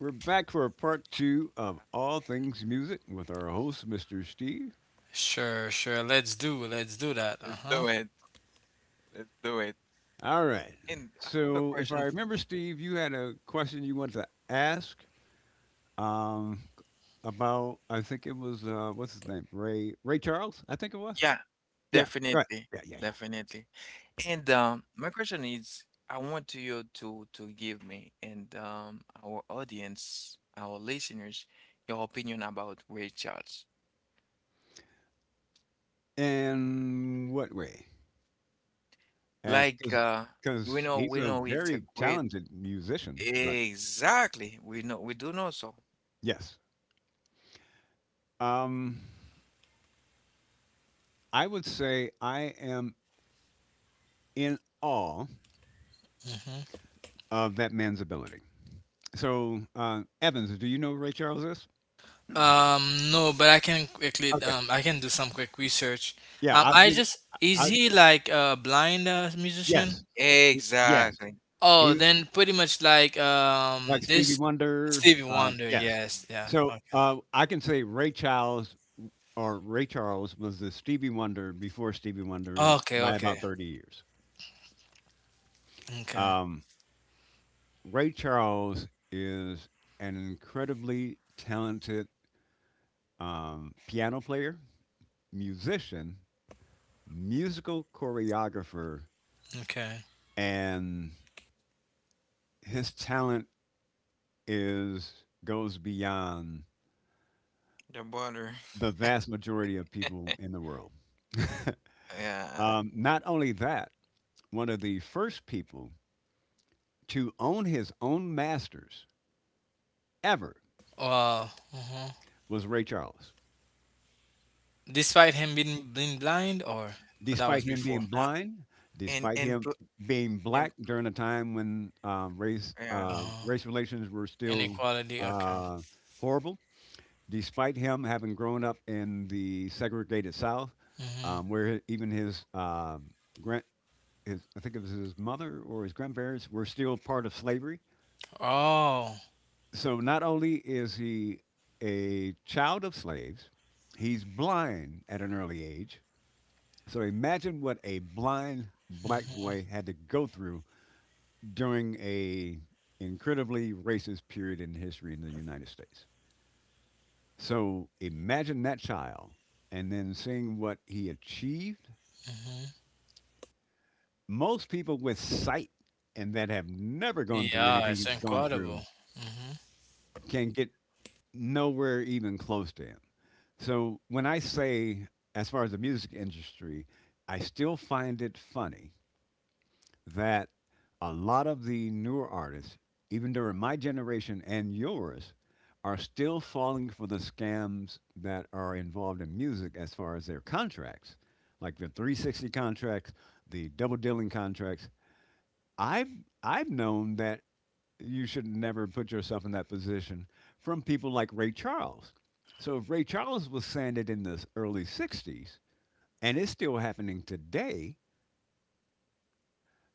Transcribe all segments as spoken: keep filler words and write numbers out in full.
We're back for a part two of All Things Music with our host, mister Steve. Sure, sure. Let's do, let's do that. Uh Let's huh. do it. Let's do it. All right. And I have a So, if I question remember, for you. Steve, you had a question you wanted to ask um, about, I think it was, uh, what's his name? Ray Ray Charles, I think it was. Yeah, Yeah. Go ahead. definitely. Yeah, yeah, yeah. Definitely. And um, My question is, I want you to to give me and um, our audience, our listeners, your opinion about Ray Charles. And what way? As Like uh, we because know, he's we a know it's a very great. talented musician, but Exactly. We know, we do know so. yes. Um, I would say I am in awe Hmm. of that man's ability. So, uh, Evans, do you know who Ray Charles is? Um, no, but I can quickly, Okay. um, I can do some quick research. Yeah, Um, I'll I give. just is I he like a blind uh, musician? yes, Y- yes. Exactly. Oh, He then pretty much like like um Stevie this Wonder. Stevie Um, Wonder. yes. Yes, yeah. So Okay. uh, I can say Ray Charles or Ray Charles was the Stevie Wonder before Stevie Wonder Okay, by okay, about thirty years. okay, Um, Ray Charles is an incredibly talented um, piano player, musician, musical choreographer, okay. and his talent is goes beyond The border. the vast majority of people in the world. Yeah. Um, not only that, one of the first people to own his own masters ever Wow. Uh-huh. was Ray Charles. Despite him being being blind, or, or that was Despite him before. being Uh, blind, and despite and him to being Temp black during a time when um, race yeah. uh, Uh-huh. race relations were still Inequality. Okay. uh, horrible, despite him having grown up in the segregated South, Mm-hmm. um, where even his uh, gran- his, I think it was his mother or his grandparents were still part of slavery. Oh. So not only is he a child of slaves, he's blind at an early age. So imagine what a blind black Hmm. boy had to go through during a incredibly racist period in history in the United States. So imagine that child and then seeing what he achieved. Hmm. Most people with sight and that have never gone through Yeah, anything it's he's gone through incredible. Hmm. can get nowhere even close to him. So when I say, as far as the music industry, I still find it funny that a lot of the newer artists, even during my generation and yours, are still falling for the scams that are involved in music as far as their contracts, like the three sixty contracts, the double dealing contracts. I've I've known that you should never put yourself in that position from people like Ray Charles. So if Ray Charles was sanded in the early sixties and it's still happening today,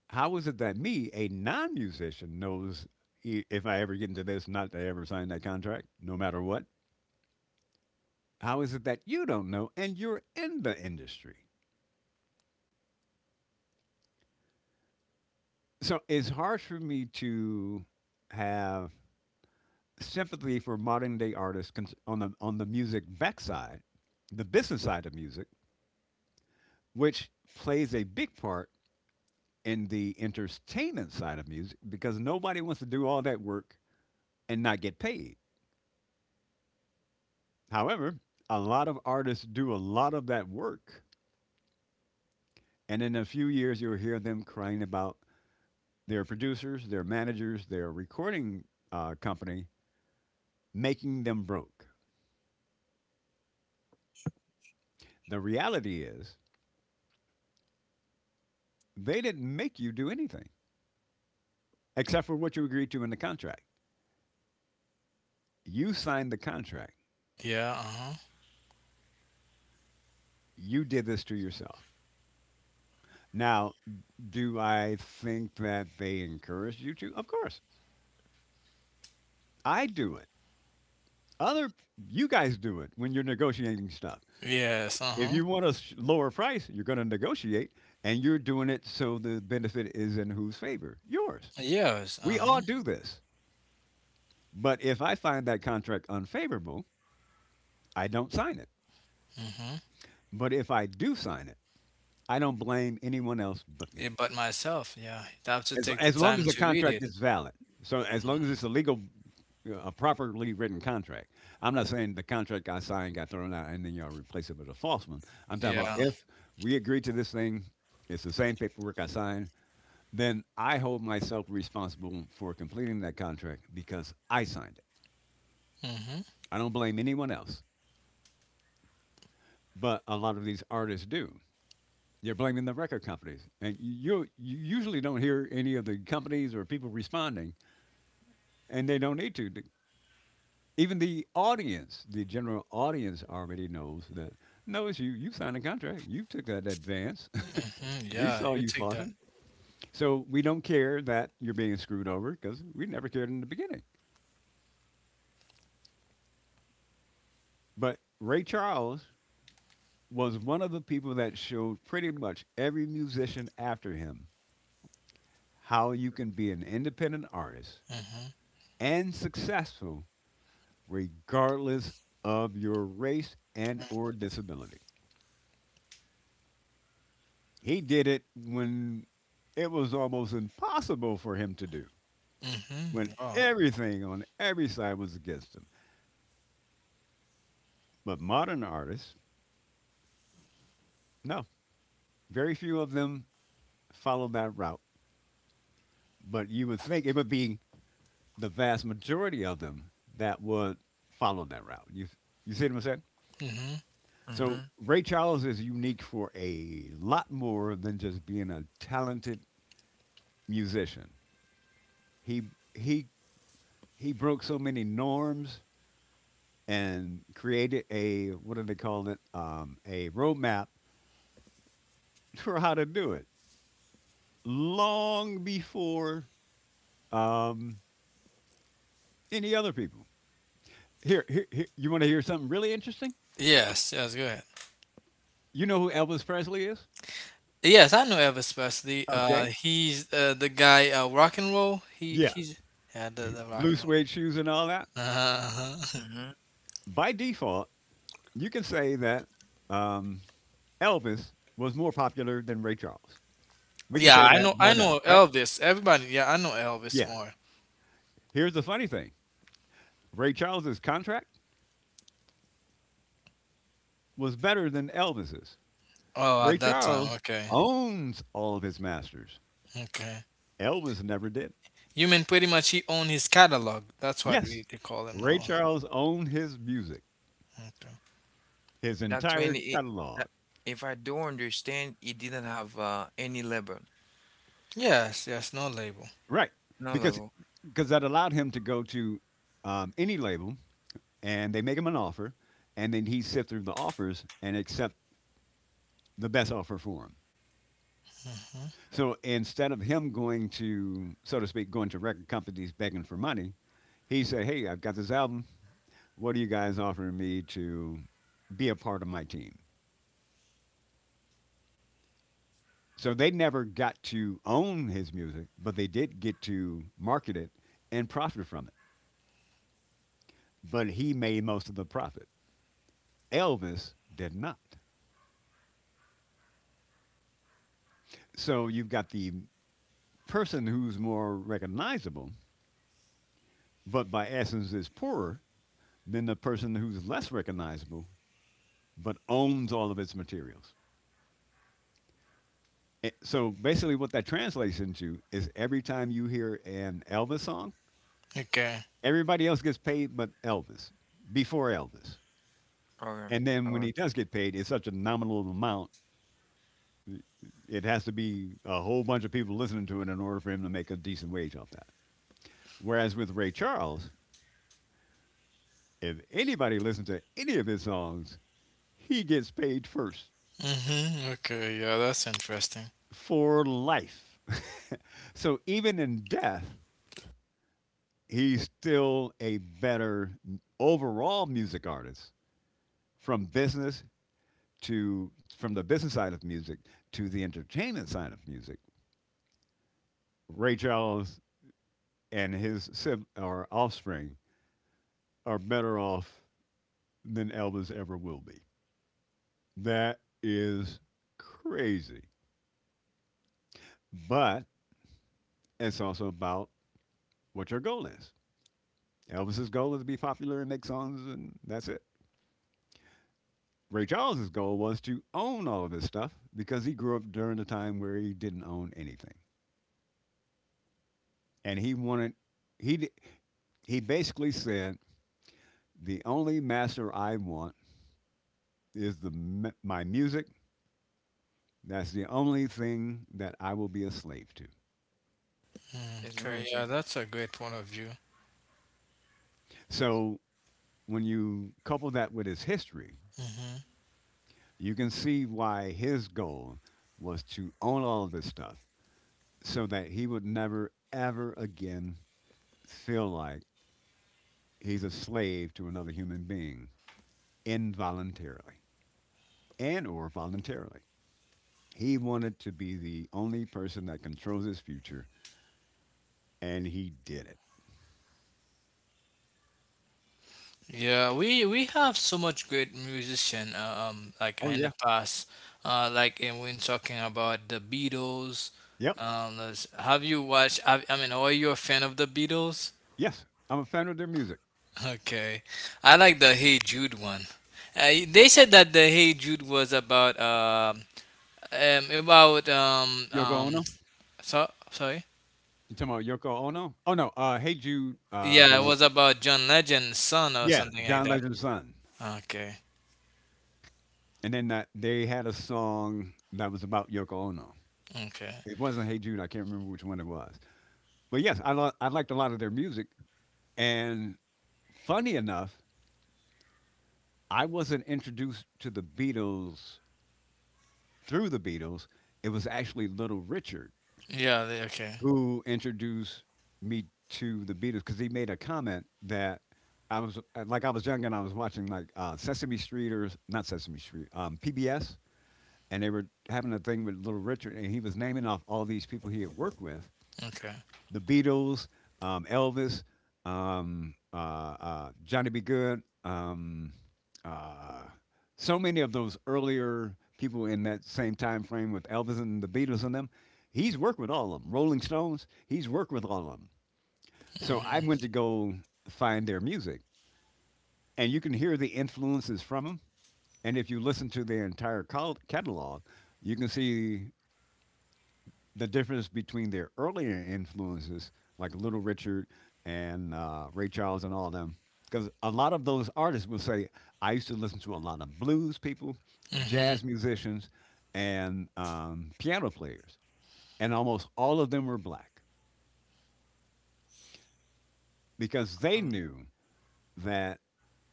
how is it that me, a non musician, knows i- if I ever get into this, not to ever sign that contract, no matter what? How is it that you don't know and you're in the industry? So it's hard for me to have sympathy for modern day artists cons- on the on the music backside, the business side of music, which plays a big part in the entertainment side of music because nobody wants to do all that work and not get paid. However, a lot of artists do a lot of that work, and in a few years, you'll hear them crying about their producers, their managers, their recording uh, company making them broke. The reality is, they didn't make you do anything except for what you agreed to in the contract. You signed the contract, Yeah, uh-huh. you did this to yourself. Now, do I think that they encourage you to? Of course, I do it. Other you guys do it when you're negotiating stuff. Yes, If uh-huh. you want a lower price, you're going to negotiate, and you're doing it so the benefit is in whose favor? Yours. Yes, We all uh-huh. do this. But if I find that contract unfavorable, I don't sign it. Hmm. But if I do sign it, I don't blame anyone else but me. Yeah, but myself, yeah. I have to As take the as long as time the to read contract it. is valid. So as long as it's a legal, uh, a properly written contract. I'm not saying the contract I signed got thrown out and then y'all replace it with a false one. I'm talking about Yeah. if we agree to this thing, it's the same paperwork I signed. Then I hold myself responsible for completing that contract because I signed it. Hmm. I don't blame anyone else, but a lot of these artists do. You're blaming the record companies, and you you usually don't hear any of the companies or people responding, and they don't need to even the audience, the general audience already knows that no, it's you. You signed a contract. You took that advance. Hmm. We Yeah, saw you you take that. flossing. So we don't care that you're being screwed over because we never cared in the beginning. But Ray Charles was one of the people that showed pretty much every musician after him how you can be an independent artist Hmm. and successful regardless of your race and or disability. He did it when it was almost impossible for him to do, when Hmm. Oh. everything on every side was against him. But modern artists, no, very few of them follow that route. But you would think it would be the vast majority of them that would follow that route. You, you see what I'm saying? Hmm. So Mm-hmm. Ray Charles is unique for a lot more than just being a talented musician. He he he broke so many norms and created a what are they calling it? Um, a roadmap for how to do it long before um, any other people. Here, here, here you want to hear something really interesting? Yes, yes, go ahead. You know who Elvis Presley is? Yes, I know Elvis Presley. Uh, Okay. He's uh, the guy uh, rock and roll. He Yeah. he's yeah, the, the rock Blue and suede shoes and all that. roll. Mm-hmm. By default, you can say that um, Elvis was more popular than Ray Charles. We can Yeah, say I that know, I bar none, know right? Elvis. Everybody, yeah, I know Elvis Yeah. more. Here's the funny thing Ray Charles's contract was better than Elvis's. Oh, at Ray that time, Charles okay, owns all of his masters. okay. Elvis never did. You mean pretty much he owned his catalog. That's what Yes, we they call him Ray now. Charles owned his music, Okay. his That's entire when it, catalog. that, If I do understand, it didn't have uh any level. Yes, yes, no label. Right, No because level. because that allowed him to go to um, any label and they make him an offer, and then he sift through the offers and accept the best offer for him. So instead of him going to, so to speak, going to record companies begging for money, he said, "Hey, I've got this album. What are you guys offering me to be a part of my team?" So they never got to own his music, but they did get to market it and profit from it. But he made most of the profit. Elvis did not. So you've got the person who's more recognizable, but by essence is poorer than the person who's less recognizable, but owns all of its materials. Eh, So basically, what that translates into is every time you hear an Elvis song, Okay. everybody else gets paid but Elvis, before Elvis. Okay. And then when Okay. he does get paid, it's such a nominal amount. i- It has to be a whole bunch of people listening to it in order for him to make a decent wage off that. Whereas with Ray Charles, if anybody listens to any of his songs, he gets paid first Mhm. Okay. Yeah, that's interesting. for life. So even in death, he's still a better m- overall music artist from business to from the business side of music to the entertainment side of music. Ray Charles and his sib- or offspring are better off than Elvis ever will be. That is crazy. But it's also about what your goal is. Elvis's goal was to be popular and make songs, and that's it. Ray Charles's goal was to own all of his stuff because he grew up during a time where he didn't own anything, and he wanted he he basically said the only master I want is the my music. That's the only thing that I will be a slave to. Mm, It's Okay. Yeah, music. that's a great point of view. So when you couple that with his history, Mhm. you can see why his goal was to own all of this stuff so that he would never, ever again feel like he's a slave to another human being involuntarily and or voluntarily. He wanted to be the only person that controls his future, and he did it. Yeah, we we have so much great musician uh, um like Oh, in the yeah. past, uh like and when talking about the Beatles, Yep. um let's- have you watched? Have, I mean, are you a fan of the Beatles? Yes. I'm a fan of their music. Okay, I like the Hey Jude one. Uh, they said that the Hey Jude was about um um about um Yoko um Ono? so sorry. You talking about Yoko Ono? Oh no, uh, Hey Jude. Uh, yeah, it the was about John Legend's son or Yeah, something like John that. Legend's son. Okay, And then that they had a song that was about Yoko Ono. okay, It wasn't Hey Jude. I can't remember which one it was. But yes, I lo- I liked a lot of their music. And funny enough, I wasn't introduced to the Beatles through the Beatles. It was actually Little Richard yeah, they- okay, who introduced me to the Beatles because he made a comment that I was like I was young and I was watching like uh, Sesame Street or not Sesame Street, um, P B S, and they were having a thing with Little Richard, and he was naming off all these people he had worked with, okay. the Beatles, um, Elvis, um, uh, uh, Johnny B. Good, um, uh, so many of those earlier people in that same time frame with Elvis and the Beatles and them. He's worked with all of them. Rolling Stones, he's worked with all of them. So I went to go find their music, and you can hear the influences from them. And if you listen to their entire col- catalog, you can see the difference between their earlier influences, like Little Richard and uh, Ray Charles and all of them, because a lot of those artists will say, I used to listen to a lot of blues people, Hmm. jazz musicians, and um, piano players. And almost all of them were black because they Mm. knew that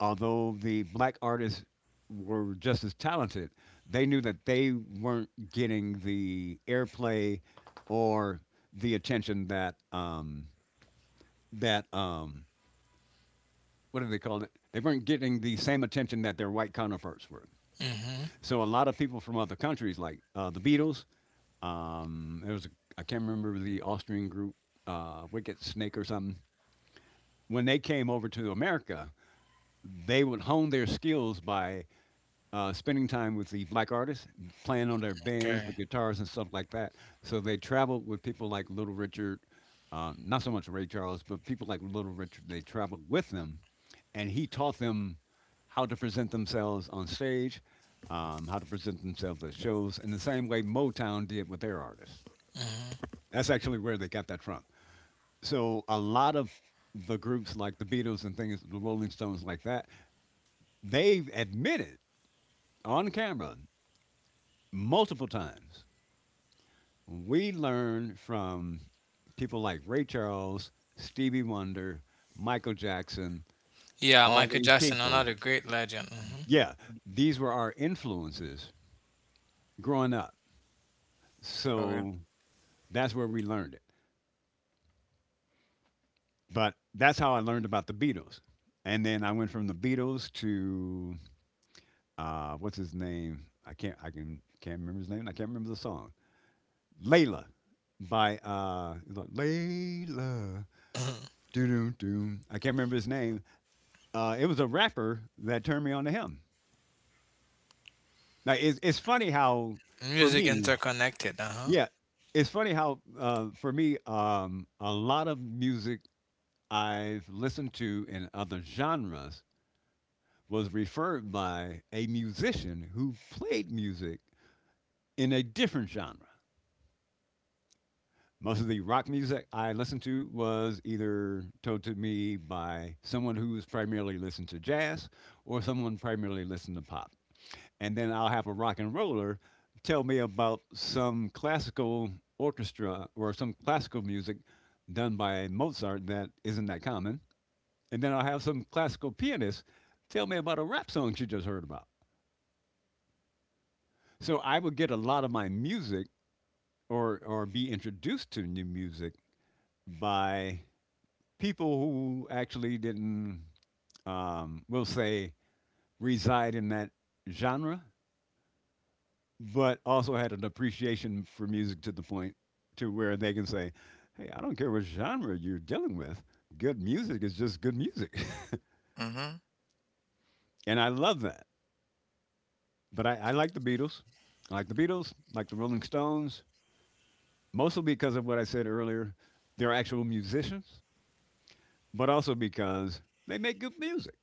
although the black artists were just as talented, they knew that they weren't getting the airplay or the attention that um, that um, what do they call it? They weren't getting the same attention that their white counterparts were. Mm-hmm. So a lot of people from other countries, like uh, the Beatles, um, there was a, I can't remember the Austrian group, uh, Wicked Snake or something. When they came over to America, they would hone their skills by uh, spending time with the black artists, playing on their bands, the Okay. guitars, and stuff like that. So they traveled with people like Little Richard, um, not so much Ray Charles, but people like Little Richard. They traveled with them, and he taught them how to present themselves on stage, um, how to present themselves at shows, in the same way Motown did with their artists. Mm-hmm. That's actually where they got that from. So a lot of the groups like the Beatles and things, the Rolling Stones, like that, they've admitted on camera multiple times. We learned from people like Ray Charles, Stevie Wonder, Michael Jackson, Yeah, all Michael these Jackson, people. another great legend. Yeah, Mm. these were our influences growing up. Okay. So that's where we learned it. But that's how I learned about the Beatles. And then I went from the Beatles to uh, what's his name? I can't I can can't remember his name. And I can't remember the song. Layla by uh it's like, Layla. Mm-hmm. Doo doo doo. I can't remember his name, uh, it was a rapper that turned me on to him. Now it's it's funny how for Music me, interconnected. Uh huh. yeah, it's funny how uh, for me, um, a lot of music I've listened to in other genres was referred by a musician who played music in a different genre. Most of the rock music I listened to was either told to me by someone who was primarily listened to jazz or someone primarily listened to pop. And then I'll have a rock and roller tell me about some classical orchestra or some classical music done by Mozart that isn't that common, and then I'll have some classical pianist tell me about a rap song she just heard about. So I would get a lot of my music or or be introduced to new music by people who actually didn't um, we'll say reside in that genre but also had an appreciation for music to the point to where they can say, "Hey, I don't care what genre you're dealing with. Good music is just good music," Mm-hmm. and I love that. But I, I like the Beatles. I like the Beatles. Like the Rolling Stones, mostly because of what I said earlier. They're actual musicians, but also because they make good music.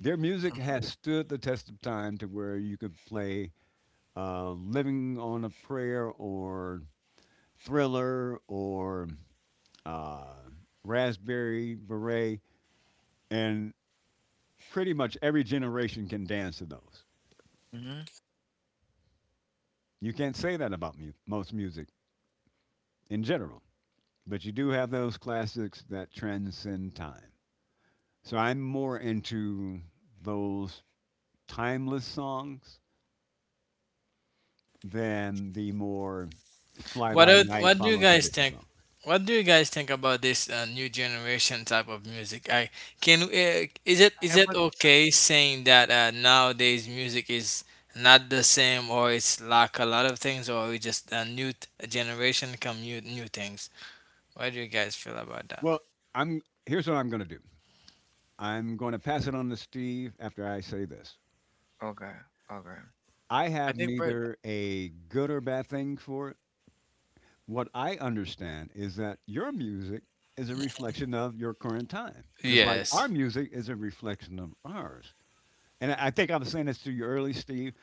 Their music has stood the test of time to where you could play uh, "Living on a Prayer" or "Thriller" or uh, raspberry beret, and pretty much every generation can dance to those. Mm-hmm. You can't say that about mu- most music in general, but you do have those classics that transcend time. So I'm more into those timeless songs than the more fly What by else, night What do you follow guys tradition think? songs. What do you guys think about this uh, new generation type of music? I can. Uh, is it is Yeah, it but okay saying that uh, nowadays music is not the same, or it's lack a lot of things, or we just a new t- generation come new new things? What do you guys feel about that? Well, I'm here's what I'm going to do. I'm going to pass it on to Steve after I say this. okay. Okay. I I have think, but neither a good or bad thing for what I understand is that your music is a reflection of your current time, just like our Yes. music is a reflection of ours. And I I think I was saying this to you early, Steve.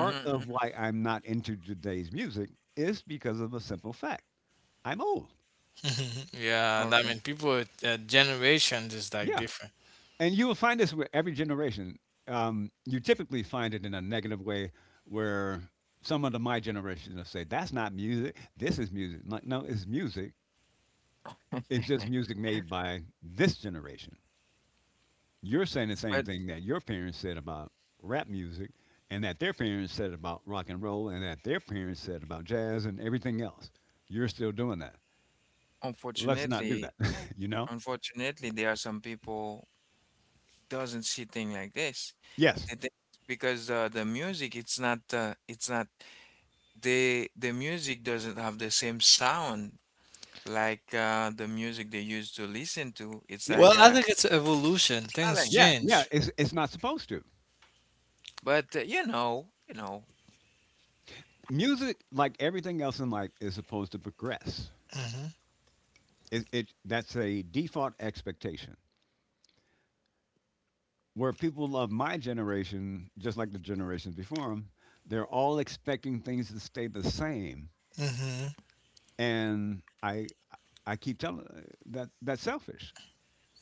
Mm-hmm. of Mm-hmm. why I'm not into today's music is because of a simple fact I'm old. Yeah, and I Okay. mean, people, uh, generations is like Yeah. different. And you will find this with every generation. Um, you typically find it in a negative way where someone of my generation will say, That's not music. This is music. Like, no, it's music. It's just music made by this generation. You're saying the same But thing that your parents said about rap music, and that their parents said about rock and roll, and that their parents said about jazz and everything else. You're still doing that. Let's not do that. unfortunately, you know? unfortunately, there are some people doesn't see things like this. Yes. They think because uh, the music, it's not, uh, it's not the the music doesn't have the same sound like uh, the music they used to listen to. It's Yeah. like Well, I uh, think it's evolution. Things nothing. Yeah. Yeah. change. It's it's not supposed to. But uh, you know, you know. Music, like everything else in life, is supposed to progress. Hmm. It, it that's a default expectation. Where people of my generation, just like the generations before them, they're all expecting things to stay the same. Hmm. And I I keep telling uh, that that's selfish.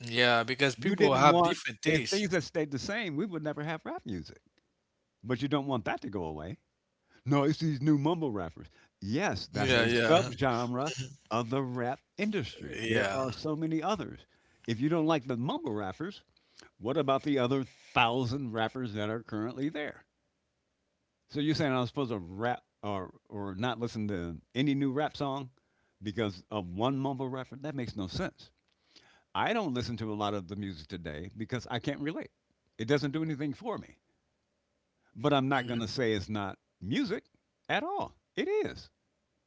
Yeah, because You people didn't have want different if tastes. things had stayed the same, we would never have rap music. But you don't want that to go away. No, it's these new mumble rappers. Yes, that's Yeah, a yeah, subgenre of the rap industry. There yeah, are so many others. If you don't like the mumble rappers, what about the other thousand rappers that are currently there? So you're saying I'm supposed to rap or or not listen to any new rap song because of one mumble rapper? That makes no sense. I don't listen to a lot of the music today because I can't relate. It doesn't do anything for me. But I'm not Mhm. going to say it's not music at all. It is.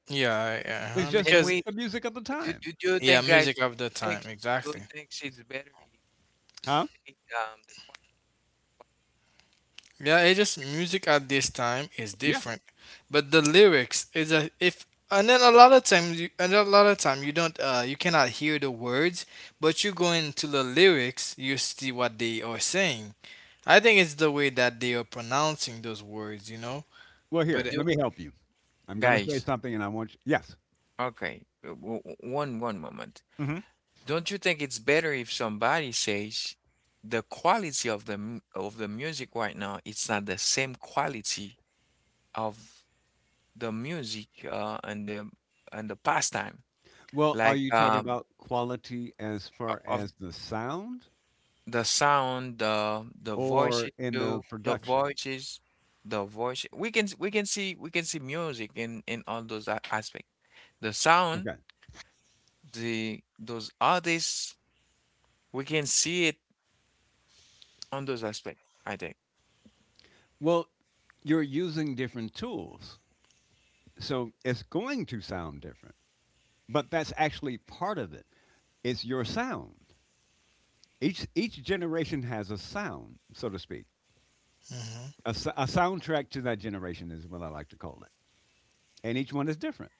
yeah, yeah. Uh-huh. It's just And Because we the music of the do, time. do, do you yeah, think, guys? music of the Do you think, time, Do you exactly. think it's better if Huh? they, um the qua- Yeah, it just music at this time is Yeah. different, but the lyrics is a if and then a lot of times you and a lot of time you don't uh you cannot hear the words, but you go into the lyrics, you see what they are saying. I think it's the way that they are pronouncing those words, you know? Well, But here, it. do let me help you. I'm going to say guys? something and I want you. Yes. Okay, uh, w- w- one one moment. Hmm. Don't you think it's better if somebody says the quality of the mu- of the music right now? It's not the same quality of the music uh, and the and the pastime Well, are like you talking um about quality as far o- of as the sound The sound, the the voices or in the too, the production? voices, the voice. We can s- we can see we can see music in in all those a- aspects. The sound, Okay. the those artists, we can see it on those aspects, I think. Well, you're using different tools. So it's going to sound different, but that's actually part of it. It's your sound. Each each generation has a sound, so to speak. Mhm. A a soundtrack to that generation is what I like to call it, and each one is different.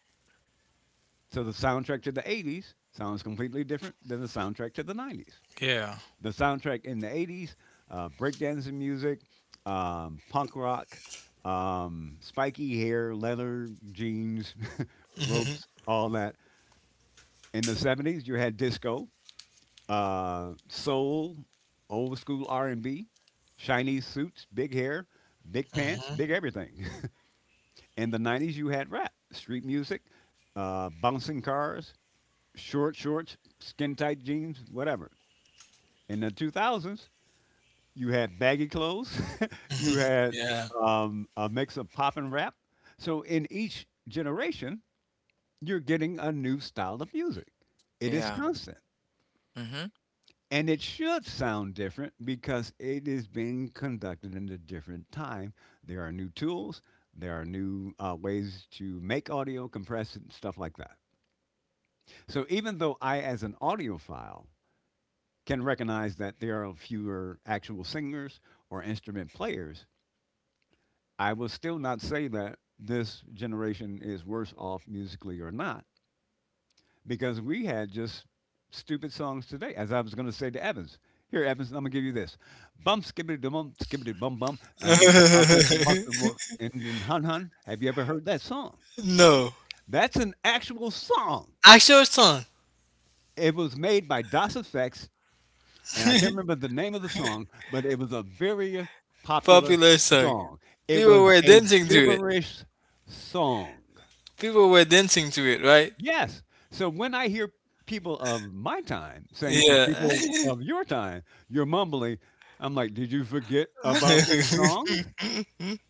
So the soundtrack to the eighties sounds completely different than the soundtrack to the nineties. Yeah. The soundtrack in the eighties, uh, breakdancing music, um, punk rock, um, spiky hair, leather jeans, ropes, all that. In the seventies, you had disco, uh, soul, old school R and B, shiny suits, big hair, big pants, Hmm. big everything. In the nineties, you had rap, street music, uh, bouncing cars, short shorts, skin tight jeans, whatever. In the two thousands, you had baggy clothes, you had Yeah. um, a mix of pop and rap. So in each generation, you're getting a new style of music. It is Yeah. constant. Mm-hmm. And it should sound different because it is being conducted in a different time. There are new tools, there are new uh, ways to make audio, compress it, and stuff like that. So even though I, as an audiophile, can recognize that there are fewer actual singers or instrument players, I will still not say that this generation is worse off musically or not because we had just stupid songs today, as I was going to say to Evans. Here, Evans, I'm going to give you this. Bum, skibbity dum bum, skibbity bum bum, and I went to walk the walk in, in Hun Hun. Have you ever heard that song? No. That's an actual song. Actual song. It was made by DOS Effects, and I can't remember the name of the song, but it was a very popular Popular song. song. It People was were a dancing to it. gibberish song. People were dancing to it, right? Yes. So when I hear people of my time saying to Yeah. people of your time, "You're mumbling," I'm like, "Did you forget about these songs?"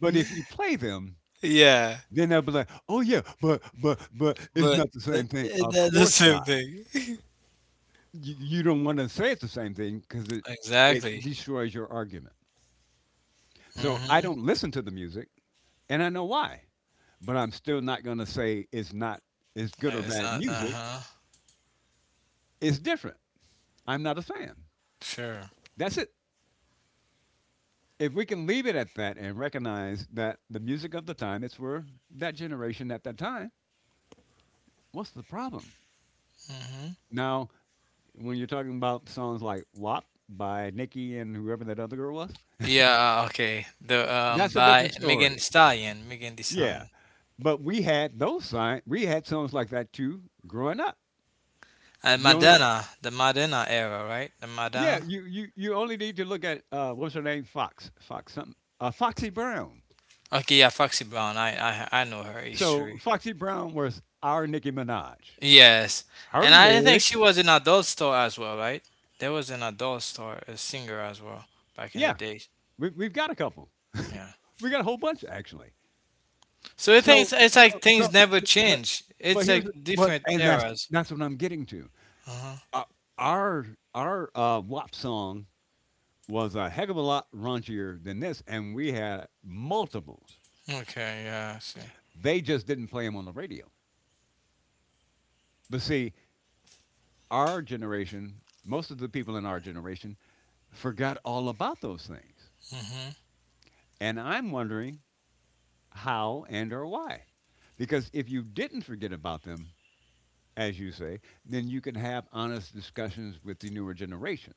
But if you play them, Yeah. then they'll be like, "Oh yeah, but but but it's But not the but same thing." it, Of that's the course same not. thing. You, you don't want to say it's the same thing because it it Exactly. destroys your argument. So I don't Hmm. listen to the music, and I know why. But I'm still not going to say it's not it's good or It's bad not uh music. huh. It's different. I'm not a fan. Sure. That's it. If we can leave it at that and recognize that the music of the time, it's for that generation at that time, what's the problem? Mm-hmm. Now, when you're talking about songs like WAP by Nicki and whoever that other girl was, Yeah, uh, okay. The um that's a by different story. Megan Stallion, Megan Thee Yeah. Stallion. But we had those signs, we had songs like that too growing up. And You only, Madonna, the Madonna era, right? The yeah, Madonna. you, you, you only need to look at, uh, what's her name? Fox, Fox something, uh, Foxy Brown. Okay, yeah, Foxy Brown. I I I know her So history. Foxy Brown was our Nicki Minaj. Yes. And Her I think lyrics, she was an adult star as well, right? There was an adult star, a singer as well back in the yeah, days. We we've got a couple. Yeah. We got a whole bunch actually. So it things So it's it's like so things so never but change. It's but here's like but different and that's eras. that's what I'm getting to. Uh-huh. Uh, our our uh, WAP song was a heck of a lot raunchier than this, and we had multiples. Okay, yeah, I see. They just didn't play them on the radio. But see, our generation, most of the people in our generation, forgot all about those things. Mm-hmm. And I'm wondering how and or why. Because if you didn't forget about them, as you say, then you can have honest discussions with the newer generation.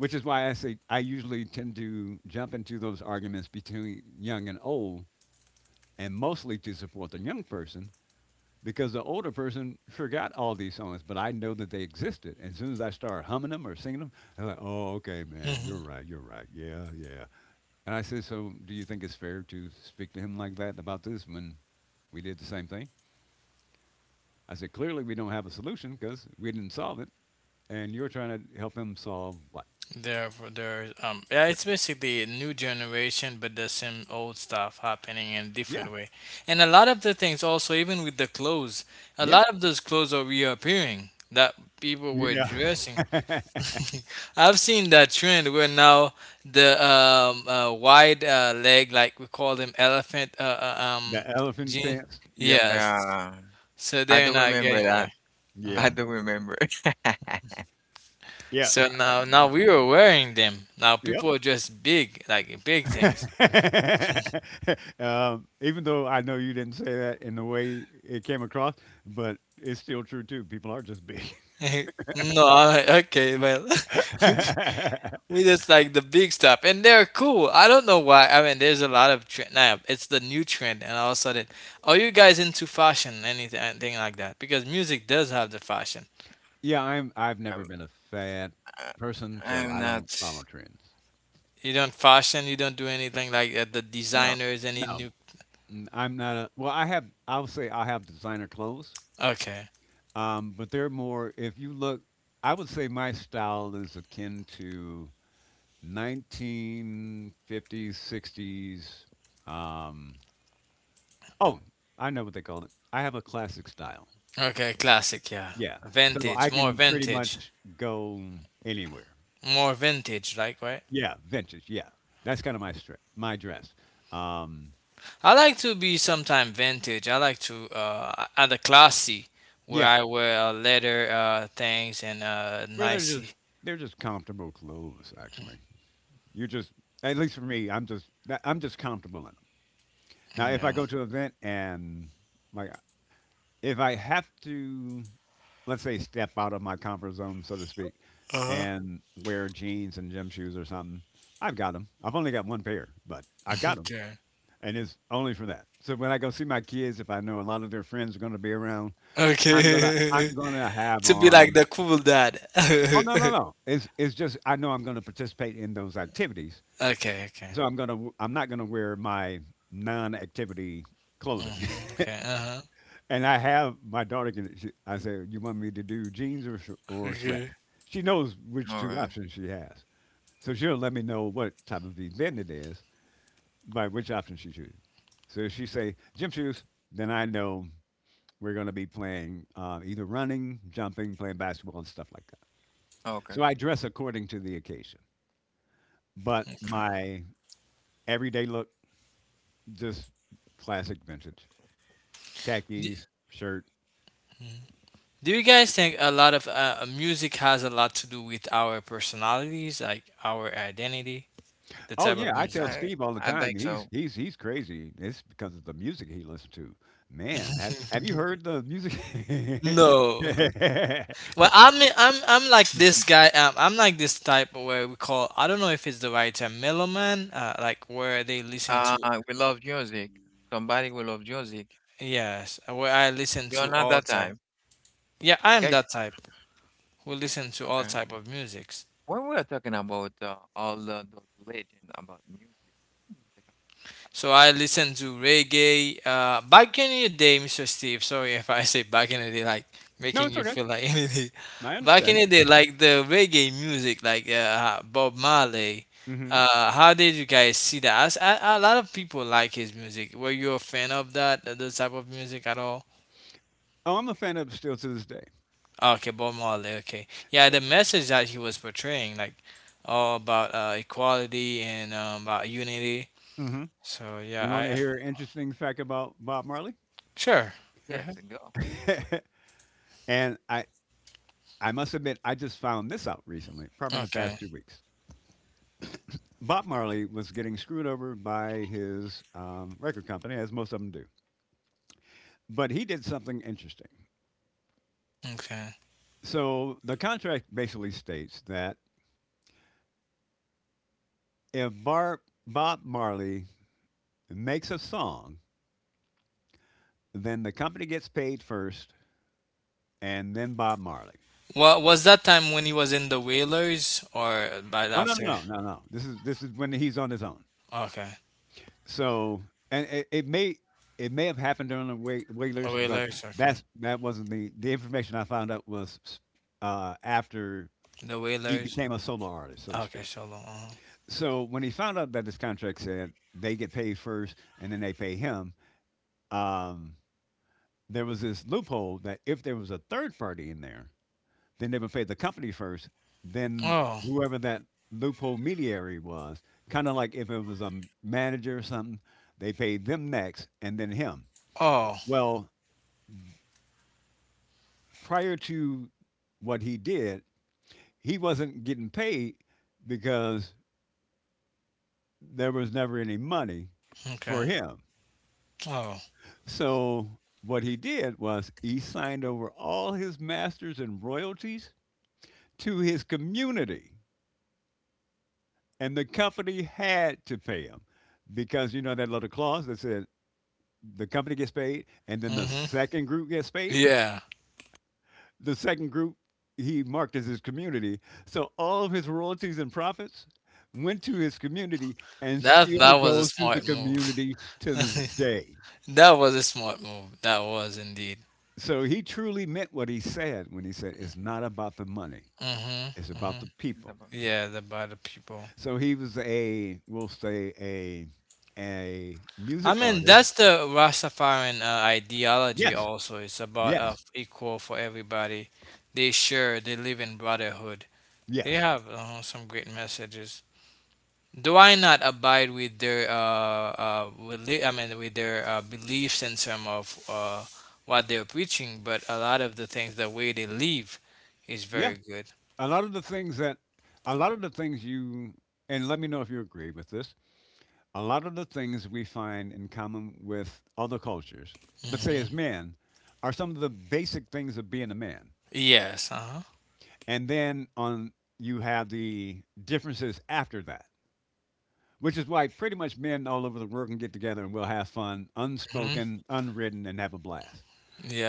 Which is why I say I usually tend to jump into those arguments between young and old, and mostly to support the young person because the older person forgot all these songs, but I know that they existed. And as soon as I start humming them or singing them, they're like, "Oh, okay, man, you're Mm-hmm. right, you're right, yeah, yeah." And I said, "So, do you think it's fair to speak to him like that about this when we did the same thing?" I said, "Clearly, we don't have a solution because we didn't solve it." And you're trying to help him solve what? There, there. Um, yeah, it's basically a new generation, but the same old stuff happening in Yeah, different way. And a lot of the things also, even with the clothes, a yeah, lot of those clothes are reappearing that people were dressing. yeah. I've seen that trend where now the um uh, wide uh, leg, like we call them elephant uh, uh, um The elephant jean. pants? Yep. Yes, Yeah. so I they're don't not remember getting that. back. I Yeah. don't remember. Yeah. So now, now we are wearing them. Now Yep. people are just big, like big things. Um, even though I know you didn't say that in the way it came across, but it's still true too. People are just big. No, I- okay, well, Yeah, we just like the big stuff, and they're cool. I don't know why. I mean, there's a lot of trend now. It's the new trend, and all of a sudden, are you guys into fashion, anything, anything like that? Because music does have the fashion. I'm. I've never I'm been a fad I, person, so I'm I not don't follow trends. You don't fashion. You don't do anything like uh, the no. designers. Any No. new? N- I'm not a. Well, I have. I'll say I have designer clothes. Okay, Um, but they're more, if you look, I would say my style is akin to nineteen fifties, sixties. Um, oh, I know what they call it. I have a classic style. okay, classic, yeah, Yeah. So I vintage, more can pretty vintage, much go anywhere. more vintage, like right? Yeah. Vintage. Yeah. That's kind of my stri- my dress. Um, I like to be sometime vintage. I like to uh at classy where yeah. I wear uh, leather uh things and uh Where they're just, nicey. they're just comfortable clothes, actually. You're just, at least for me, I'm just, I'm just comfortable in 'em. Now, if I Yeah. go to an event and like if I have to, let's say, step out of my comfort zone, so to speak, Uh-huh. and wear jeans and gym shoes or something, I've got them. I've only got one pair, but I've got them, Okay. and it's only for that. So when I go see my kids, if I know a lot of their friends are going to be around, I'm gonna I'm Okay. gonna have To be like on. the cool dad. Oh no no Okay, no! It's it's just I know I'm going to participate in those activities, okay. so I'm gonna w- I'm not going to wear my non-activity clothing. Hmm. Okay. Uh-huh. And I have my daughter can. She, I say, "You want me to do jeans or sh- or sweats?" Okay. She knows which All two right. options she has, so she'll let me know what type of event it is by which option she chooses. So if she say gym shoes, then I know we're going to be playing uh, either running, jumping, playing basketball, and stuff like that. Okay. So I dress according to the occasion, but Okay. my everyday look just classic vintage Do, khakis, shirt. mhm. Do you guys think a lot of uh, music has a lot to do with our personalities, like our identity, the Oh type yeah, of I music? tell I Steve all the I time. think He's so. he's he's crazy. It's because of the music he listens to. Man, have have you heard the music? No. Well, I'm I'm I'm like this guy. Um, I'm like this type where we call. I don't know if it's the right term, meloman. Uh, like where they listen Uh, to. we love music. Somebody will love music. Yes, where I listen You are to not that all type. time. Yeah, I'm Guys, that type who you are- listen to all okay. type of music. When we are talking about uh, all the, the legend about music, what is it about? So I listen to reggae. Uh, back in the day, mister Steve. Sorry if I say back in the day, like No, making it's you okay. feel like anything. I Back in understand the day, it. like the reggae music, like uh, Bob Marley. Hmm. Uh, how did you guys see that? As- A, a lot of people like his music. Were you a fan of that, uh, those type of music at all? Oh, I'm a fan of still to this day. Ah, okay, Bob Marley. Okay, yeah, the message that he was portraying, like all about uh, equality and um, about unity. Hmm. So You yeah, want to I hear an interesting fact about Bob Marley? sure. Go Yes, ahead. and go. and I I must admit, I just found this out recently, probably in the Okay. past two weeks. Bob Marley was getting screwed over by his um, record company, as most of them do. But he did something interesting. Okay. So the contract basically states that if Bar- Bob Marley makes a song, then the company gets paid first, and then Bob Marley. Well, was that time when he was in the Whalers or by the Oh no, after? no, no, no, no. This is this is when he's on his own. Okay. So and it, it may it may have happened during the Wai- The Wailers, but Whalers. Okay. that's that wasn't the the information I found out was uh, after The he Whalers. became a solo artist, so to Okay. speak. So long. Uh-huh. So when he found out that his contract said they get paid first and then they pay him, um, there was this loophole that if there was a third party in there, then they would pay the company first, then Oh. whoever that loophole mediary was, kind of like if it was a m- manager or something, they paid them next and then him. Oh. Well, prior to what he did, he wasn't getting paid because there was never any money Okay. for him. Oh. So what he did was he signed over all his masters and royalties to his community. And the company had to pay him because you know that little clause that said the company gets paid and then the Mhm. second group gets paid. Yeah. The second group he marked as his community, so all of his royalties and profits went to his community and That that still was a goes to the smart move. community to this day. That was a smart move. That was indeed. So he truly meant what he said when he said it's not about the money, Mhm. it's about the Mhm. It's people. about Yeah. The By the people. So he was a we'll say a a I music mean, artist. that's the Rastafarian uh, ideology. Yes, Also, it's about uh, yes. equal for everybody. They share. They live in brotherhood. They Yes. have uh, some great messages. Do I not abide with their uh, uh, reli- I mean with their uh, beliefs in terms of uh, what they're preaching, but a lot of the things the way they live is Yeah. very good. A lot of the things that, a lot of the things you, and let me know if you agree with this, a lot of the things we find in common with other cultures, let's say Hmm. as men, are some of the basic things of being a man. Yes. Uh-huh. And then on, you have the differences after that, which is why pretty much men all over the world can get together and we'll have fun, Hmm. unspoken, unwritten, and have a blast.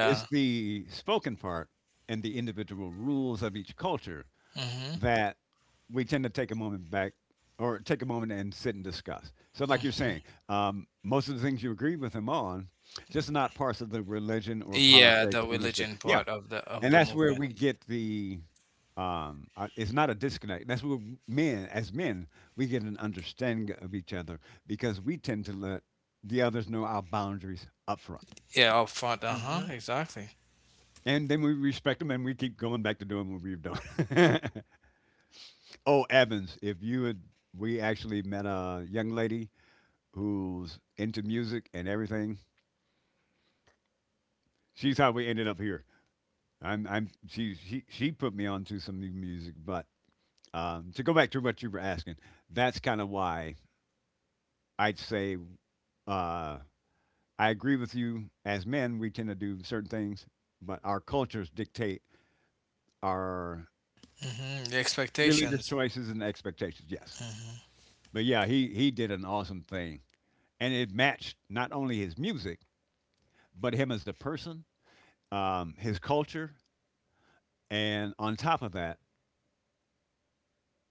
It's the spoken part and the individual rules of each culture Hmm. that we tend to take a moment back or take a moment and sit and discuss. So, like you're saying, um, most of the things you agree with him on, just not parts of the religion or Yeah, politics the in which they, religion yeah. part of the of And the that's where movement. we get the, um, uh, it's not a disconnect. That's where men, as men, we get an understanding of each other because we tend to let the others know our boundaries up front. Yeah, up front. Uh-huh. mm-hmm. Exactly. And then we respect them and we keep going back to doing what we've done. Oh, Evans, if you had, we actually met a young lady who's into music and everything. She's how we ended up here. I'm, I'm, she, she, she put me onto some new music. But um, to go back to what you were asking, that's kind of why I'd say uh, I agree with you. As men, we tend to do certain things, but our cultures dictate our Hmm. The religious expectations. choices and expectations. Yes, Hmm. but yeah, he he did an awesome thing, and it matched not only his music, but him as a person, um, his culture, and on top of that,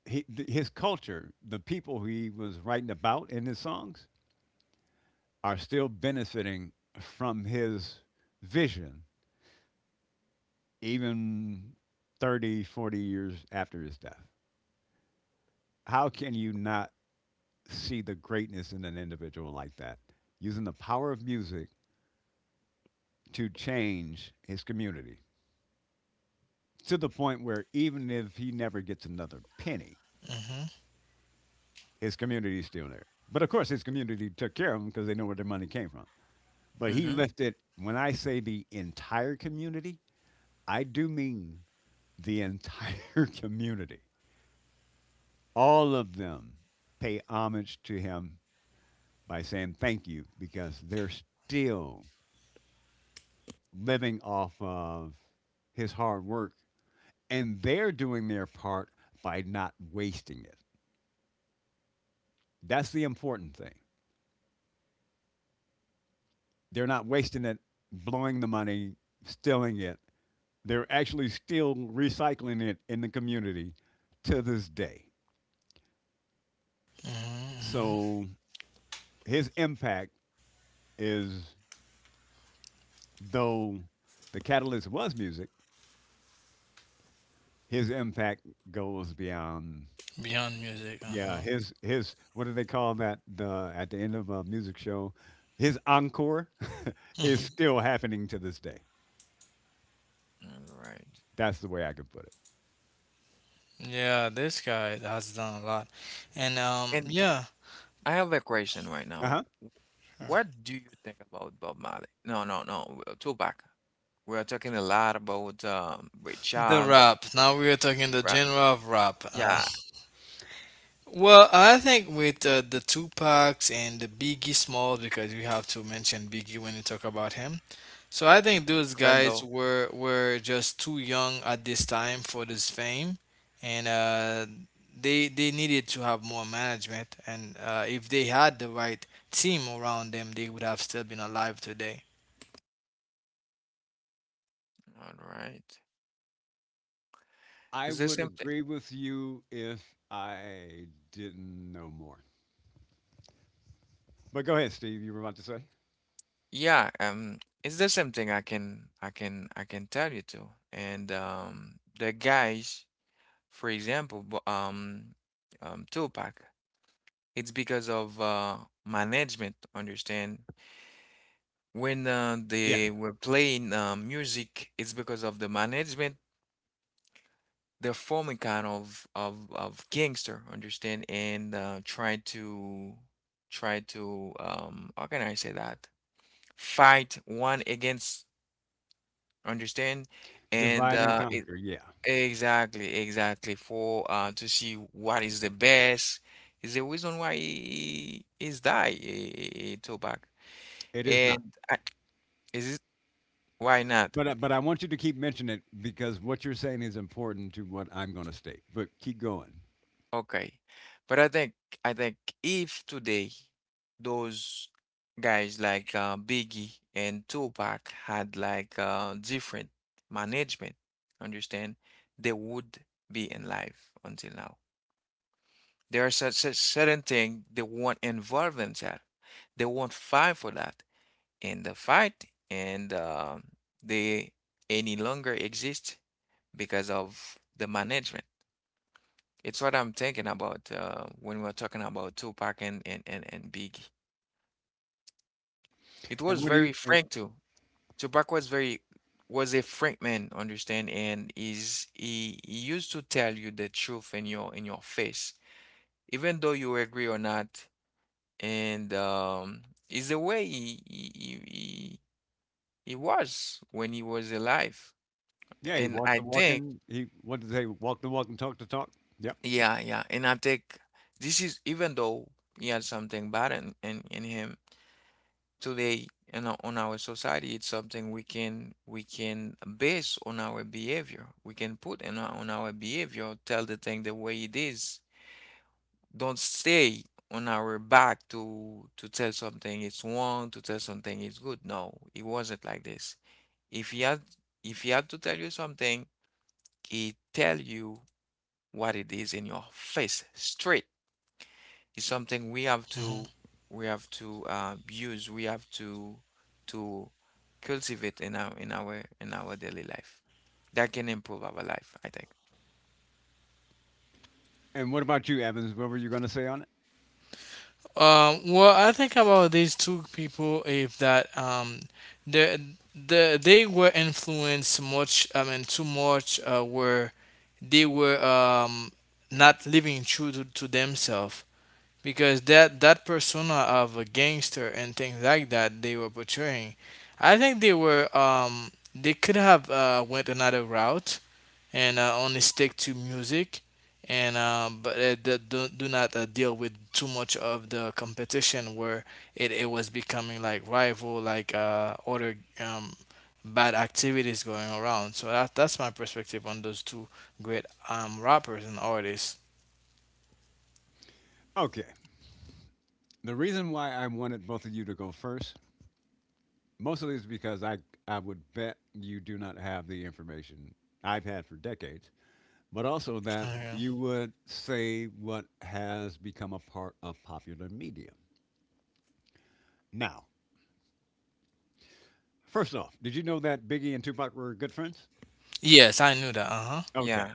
he, th- his culture, the people he was writing about in his songs, are still benefiting from his vision, even thirty, forty years after his death. How can you not see the greatness in an individual like that, using the power of music to change his community to the point where even if he never gets another penny, Hmm. his community's still there. But of course, his community took care of him because they know where their money came from. But he Mm-hmm. lifted, when I say the entire community, I do mean the entire community. All of them pay homage to him by saying thank you because they're still living off of his hard work and they're doing their part by not wasting it. That's the important thing. They're not wasting it, blowing the money, stealing it. They're actually still recycling it in the community to this day. Hmm. Hmm. So his impact is, though the catalyst was music, his impact goes beyond. Beyond music. Yeah, Uh-huh. his his what do they call that? The at the end of a music show, his encore is Mm-hmm. still happening to this day. All right. That's the way I could put it. Yeah, this guy has done a lot. And um And yeah, I have a question right Uh now. huh. What do you think about Bob Marley? No, no, no, uh, Tupac. We are talking a lot about um, Ray the Charles, rap. Now we are talking the Ra genre of rap. Uh, yeah, Well, I think with uh, the Tupacs and the Biggie Smalls because we have to mention Biggie when we talk about him. So I think those guys Randall. were were just too young at this time for this fame and uh they they needed to have more management and uh, if they had the right team around them, they would have still been alive today. All right, I it's the would same thing. agree with you if I didn't know more. But go ahead, Steve. You were about to say. Yeah, um, it's the same thing. I can, I can, I can tell you too. And um, the guys, for example, Bo- um, um, Tupac. It's because of uh, management. Understand? When uh, they were playing uh, music, it's because of the management. They're forming kind of of of gangster, understand, and uh, try to try to um, how can I say that? Fight one against, understand, and Divide and uh, it, conquer. Yeah, exactly, exactly for uh, to see what is the best. Is the reason why he is die eh, eh, eh, Tupac, it is not. and I, is it why not? But I- but I want you to keep mentioning it because what you're saying is important to what I'm going to state. But keep going. Okay. But I think I think if today those guys like uh, Biggie and Tupac had like uh, different management, understand, they would be in life until now. There are such, such certain things they won't involve themselves. They won't fight for that in the fight, and uh, they any longer exist because of the management. It's what I'm thinking about uh, when we're talking about Tupac and, and, and, and Biggie. It And was what do you? very frank too. Tupac was very was a frank man, understand, and is he, he used to tell you the truth in your in your face, even though you agree or not. And um, is the way he, he he he he was when he was alive. Yeah, he And walked the I walk think, and he what did they walk the walk and talk the talk. Yep. yeah, yeah, and I think this is even though he had something bad in, in, in him today in our, on our society, it's something we can we can base on our behavior, we can put in our, on our behavior, tell the thing the way it is. Don't stay on our back to to tell something it's wrong, to tell something it's good. No, it wasn't like this. if he had if he had to tell you something, he tell you what it is in your face straight. It's something we have to Mm-hmm. we have to uh, use. We have to to Cultivate in our in our in our daily life. That can improve our life, I think. And what about you, Evans? What were you going to say on it? Um, well, I think about these two people if that um, the the they were influenced much. I mean, too much. Uh, where they were um, not living true to, to themselves because that that persona of a gangster and things like that they were portraying. I think they were um, they could have uh, went another route and uh, only stick to music and um, but uh, do, do do not uh, deal with too much of the competition where it, it was becoming like rival like uh, other um, bad activities going around so that, that's my perspective on those two great um, rappers and artists. Okay. The reason why I wanted both of you to go first mostly is because I I would bet you do not have the information I've had for decades, but also that Okay. you would say what has become a part of popular media. Now, first off, did you know that Biggie and Tupac were good friends? Yes, I knew that. Uh huh. Okay. Yeah.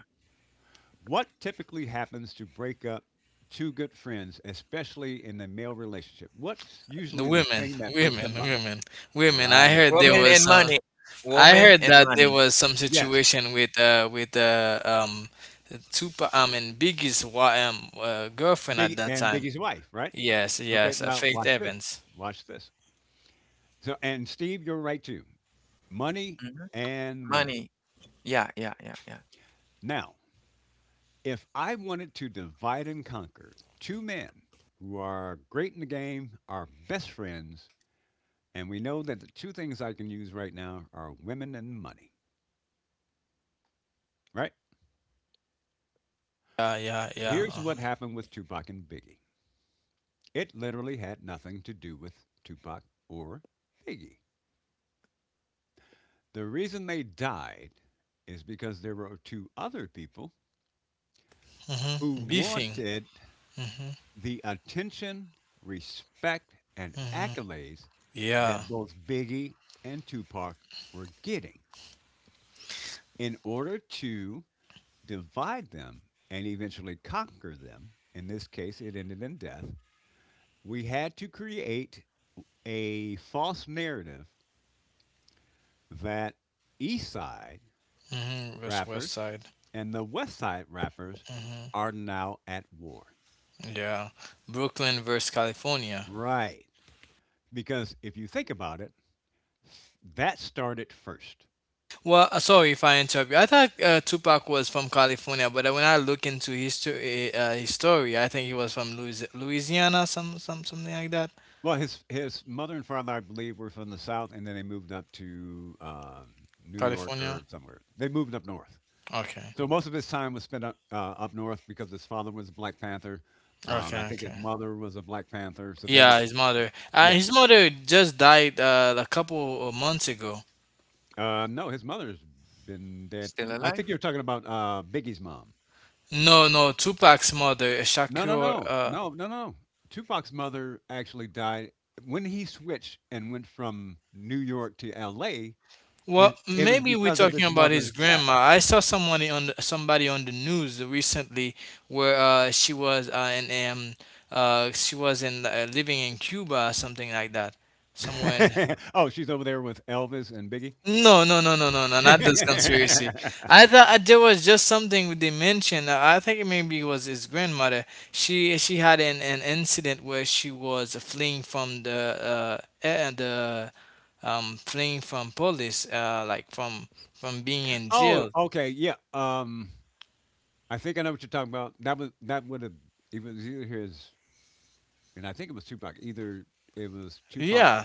What typically happens to break up two good friends, especially in the male relationship? What's The usually the women, thing that breaks women, them up? women, women. I Right. heard there Women and was money. some. I Women and heard that money. there was some Yes. situation with uh with uh um Tupac, I mean Biggie's wa- um uh, girlfriend at Big that and time. Biggie's wife, right? Yes, Okay. yes, uh, Now Faith watch this. Evans. Watch this. So and Steve, you're right too. Money Hmm. and women. Money. Yeah, yeah, yeah, yeah. Now, if I wanted to divide and conquer two men who are great in the game, are best friends, and we know that the two things I can use right now are women and money, right? Yeah, yeah, yeah. Here's Uh-huh. what happened with Tupac and Biggie. It literally had nothing to do with Tupac or Biggie. The reason they died is because there were two other people who Mm-hmm. Beefing. wanted Mm-hmm. the attention, respect, and Mm-hmm. accolades Yeah. that both Biggie and Tupac were getting in order to divide them and eventually conquer them. In this case, it ended in death. We had to create a false narrative that East Side Mm-hmm. West West rappers Side. and the West Side rappers Mm-hmm. are now at war. Yeah. Brooklyn versus California. Right. Because if you think about it, that started first. Well, uh, sorry if I interrupt you. I thought uh, Tupac was from California, but uh, when I look into his, uh, his story, I think he was from Louis- Louisiana, some, some something like that. Well, his his mother and father, I believe, were from the South, and then they moved up to um New York California? or somewhere. They moved up north. Okay. So most of his time was spent up, uh, up north because his father was a Black Panther. Um, I Okay, think his okay. mother was a Black Panther. So they were, Yeah, his mother. Uh, yeah. His mother just died uh, a couple of months ago. Uh, no, his mother's been dead. Still You- I think you're alive? talking about uh, Biggie's mom. No, no, Tupac's mother, No, no, Shakur. no, Uh, no, no, no. Tupac's mother actually died when he switched and went from New York to L A. Well, His it was maybe we're because of talking his about his mother's grandma. I saw someone on the, somebody on the news recently where uh, she was uh, in um, uh, she was in uh, living in Cuba or something like that, somewhere in. death. Oh, she's over there with Elvis and Biggie. No, no, no, no, no, no, not this conspiracy. I thought uh, there was just something they mentioned. uh, I think it maybe it was his grandmother. She she had an, an incident where she was fleeing from the uh eh, the um fleeing from police uh like from from being in Oh, jail. okay, yeah. Um, I think I know what you're talking about. That was that would have it was either his and I think it was Tupac. Either it was Tupac's Yeah,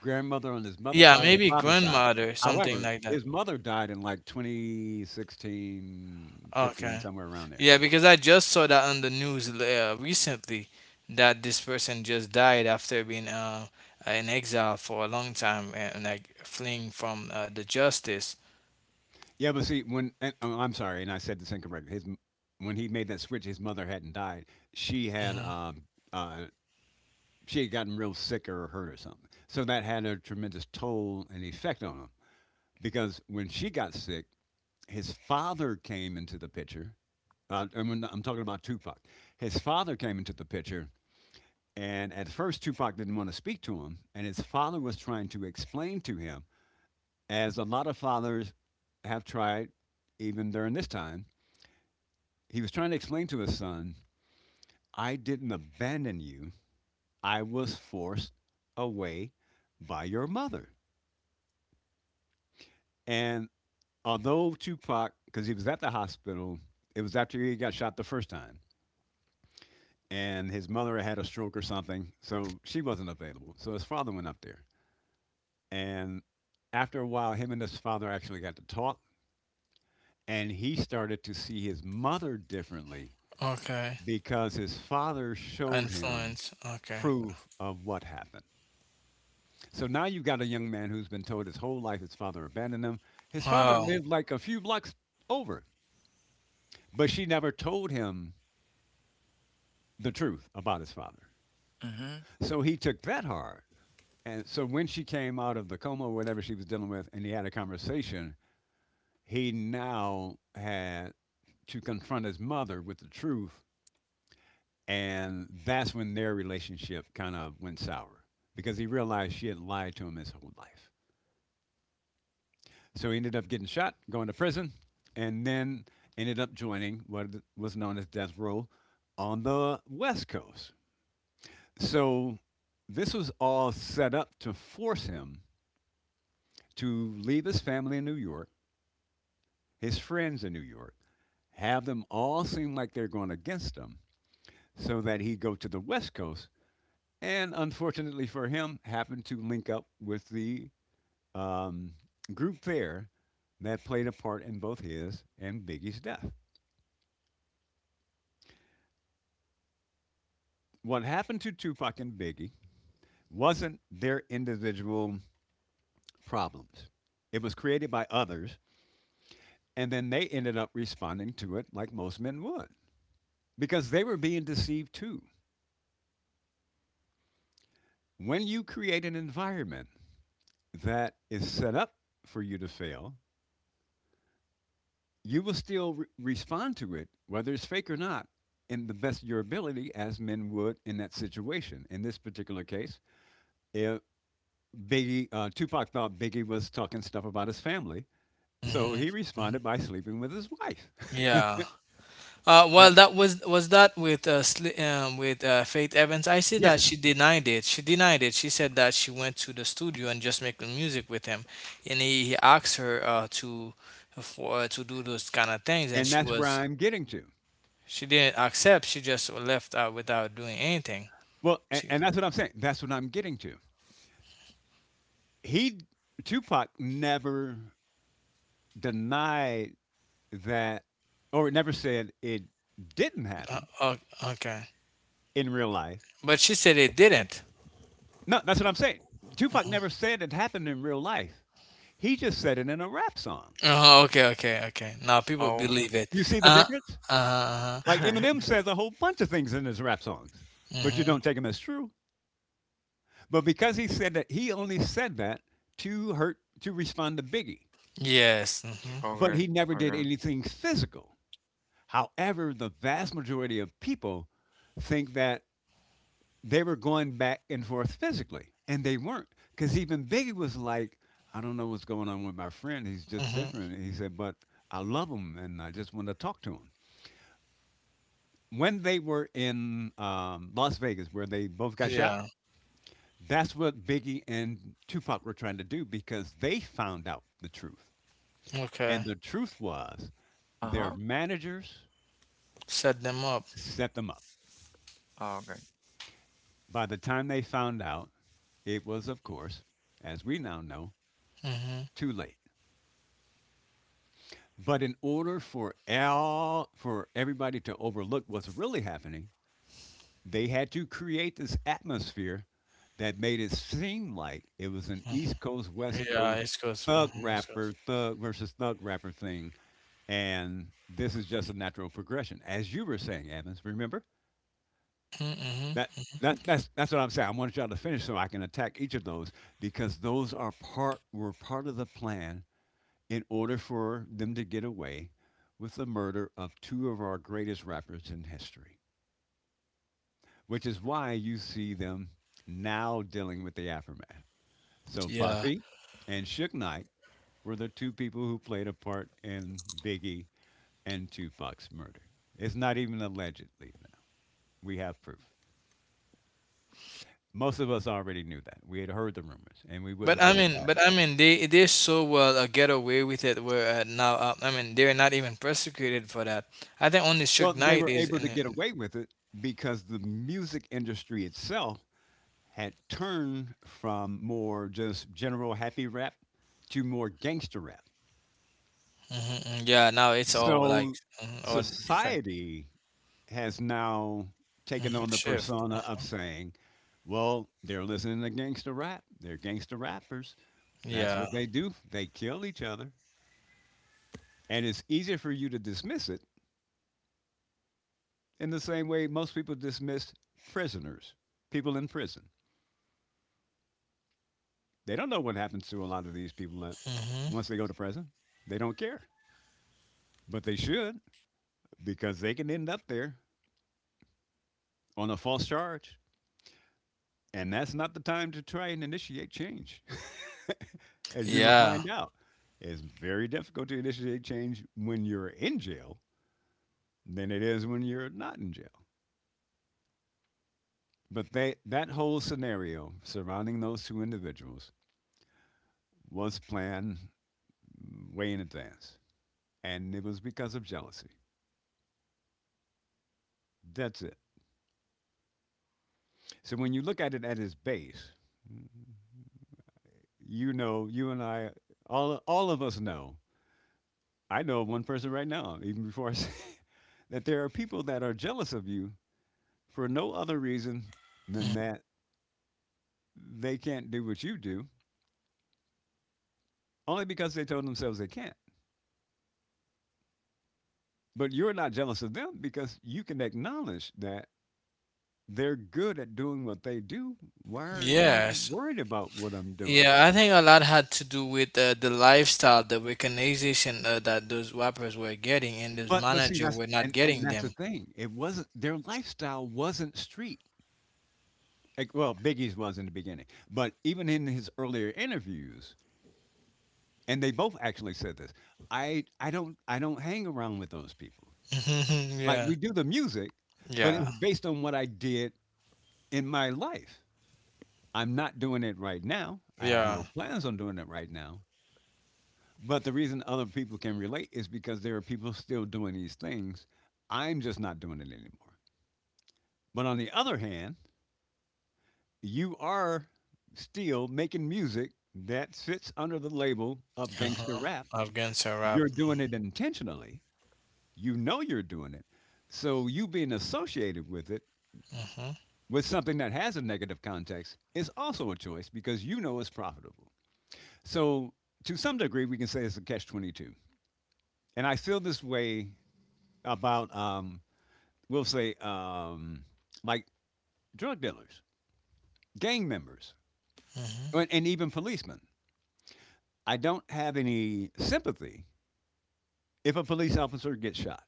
grandmother on his mother's yeah, side or maybe father's side. grandmother something However, like that. his mother died in like twenty sixteen, fifteen, Okay. somewhere around there. Yeah, because I just saw that on the news l- uh, recently that this person just died after being uh, in exile for a long time and like fleeing from uh, the justice. Yeah, but see, when and, oh, I'm sorry, and I said this incorrectly. His m- when he made that switch, his mother hadn't died. She had Hmm. um uh she had gotten real sick or hurt or something. So that had a tremendous toll and effect on him because when she got sick, his father came into the picture. Uh, I mean, I'm talking about Tupac. His father came into the picture, and at first Tupac didn't want to speak to him, and his father was trying to explain to him, as a lot of fathers have tried, even during this time. He was trying to explain to his son, "I didn't abandon you. I was forced away by your mother." And although Tupac, because he was at the hospital, it was after he got shot the first time, and his mother had a stroke or something, so she wasn't available. So his father went up there, and after a while, him and his father actually got to talk, and he started to see his mother differently Okay. because his father showed him Influence. Okay. proof of what happened. So now you've got a young man who's been told his whole life his father abandoned him. His father Wow. lived like a few blocks over, but she never told him the truth about his father. Mm-hmm. So he took that hard. And so when she came out of the coma or whatever she was dealing with, and he had a conversation, he now had to confront his mother with the truth. And that's when their relationship kind of went sour because he realized she had lied to him his whole life. So he ended up getting shot, going to prison, and then ended up joining what was known as Death Row on the West Coast. So this was all set up to force him to leave his family in New York, his friends in New York, have them all seem like they're going against him so that he go to the West Coast. And unfortunately for him, happened to link up with the um, group there that played a part in both his and Biggie's death. What happened to Tupac and Biggie wasn't their individual problems. It was created by others, and then they ended up responding to it like most men would because they were being deceived too. When you create an environment that is set up for you to fail, you will still re- respond to it, whether it's fake or not, in the best of your ability, as men would in that situation. In this particular case, if Biggie, uh, Tupac thought Biggie was talking stuff about his family, so Hmm. he Hmm. responded by sleeping with his wife. Yeah. Uh, Yeah. Well, that was was that with uh, Sli- um, with uh, Faith Evans. I see that Yes, she denied it. She denied it. She said that she went to the studio and just making music with him, and he, he asked her uh, to for uh, to do those kind of things, and and she that's where was I'm getting to. she didn't accept. She just left out without doing anything. Well, and, She and that's what I'm saying. That's what I'm getting to. He, Tupac, never denied that, or it never said it didn't uh, happen o- okay, in real life. but she said it didn't. No, that's what I'm saying. Tupac never said it happened in real life. He just said it in a rap song. Uh okay, okay, okay. Now people Oh. believe it. You see the Uh, difference? uh, huh. Like Eminem says a whole bunch of things in his rap songs, but you don't Hmm. take them as true. But because he said that, he only said that to hurt, to respond to Biggie. Yes. Mm-hmm, But Okay. he never did Okay. anything physical. However, the vast majority of people think that they were going back and forth physically, and they weren't. Because even Biggie was like, I don't know what's going on with my friend. He's just mm-hmm. different. And he said, but I love him, and I just want to talk to him. When they were in um, Las Vegas, where they both got shot, Yeah. that's what Biggie and Tupac were trying to do because they found out the truth. And Okay. the truth was their Uh-huh. managers Set them up. set them up. Okay. By the time they found out, it was, of course, as we now know, Hmm. too late. But in order for all for everybody to overlook what's really happening, they had to create this atmosphere that made it seem like it was an East Coast West Yeah, Coast it's cause, thug mhm, it's rapper cause. thug versus thug rapper thing, and this is just a natural progression, as you were saying, Evans. Remember that. Mm-hmm. that that's that's what I'm saying. I want y'all to finish so I can attack each of those because those are part were part of the plan in order for them to get away with the murder of two of our greatest rappers in history, which is why you see them now dealing with the aftermath. So Yeah, Puffy and Suge Knight were the two people who played a part in Biggie and Tupac's murder. It's not even allegedly now. We have proof. Most of us already knew that. We had heard the rumors and we but wouldn't I put it mean, but past I them. mean, they they so well uh, get away with it. Where uh, now, uh, I mean, they're not even persecuted for that. I think only Well, Suge they Knight were is able in to it. get away with it because the music industry itself had turned from more just general happy rap to more gangster rap. Hmm. Yeah, now it's all like So mm, all different. society has now taken Hmm. on the Shift. persona of saying, well, they're listening to gangster rap. They're gangster rappers. That's Yeah. what they do. They kill each other. And it's easier for you to dismiss it in the same way most people dismiss prisoners, people in prison. They don't know what happens to a lot of these people that Hmm. once they go to prison, they don't care. But they should because they can end up there on a false charge. And that's not the time to try and initiate change, as you will Yeah. find out. It's very difficult to initiate change when you're in jail than it is when you're not in jail. But they, that whole scenario surrounding those two individuals was planned way in advance. And it was because of jealousy. That's it. So when you look at it at its base, you know, you and I, all, all of us know I know of one person right now, even before I say that there are people that are jealous of you for no other reason than that they can't do what you do, only because they told themselves they can't. But you're not jealous of them because you can acknowledge that they're good at doing what they do. Why are you Yes. worried about what I'm doing? Yeah, I think a lot had to do with uh, the lifestyle, the recognition uh, that those rappers were getting, and those But but see manager that's were not and and getting that's the them. thing. It wasn't their lifestyle wasn't street. Like, well, Biggie's was in the beginning, but even in his earlier interviews, and they both actually said this. I I don't I don't hang around with those people. Like Yeah, we do the music, but it's yeah, based on what I did in my life. I'm not doing it right now. I have no yeah. plans on doing it right now. But the reason other people can relate is because there are people still doing these things. I'm just not doing it anymore. But on the other hand, you are still making music that fits under the label of gangster Uh-huh. rap. Afghan rap. You're doing it intentionally. You know you're doing it. So you being associated with it, Uh-huh. with something that has a negative context, is also a choice because you know it's profitable. So to some degree, we can say it's a catch twenty-two. And I feel this way about, um, we'll say, um, like drug dealers, gang members, Uh-huh. and, and even policemen. I don't have any sympathy if a police officer gets shot.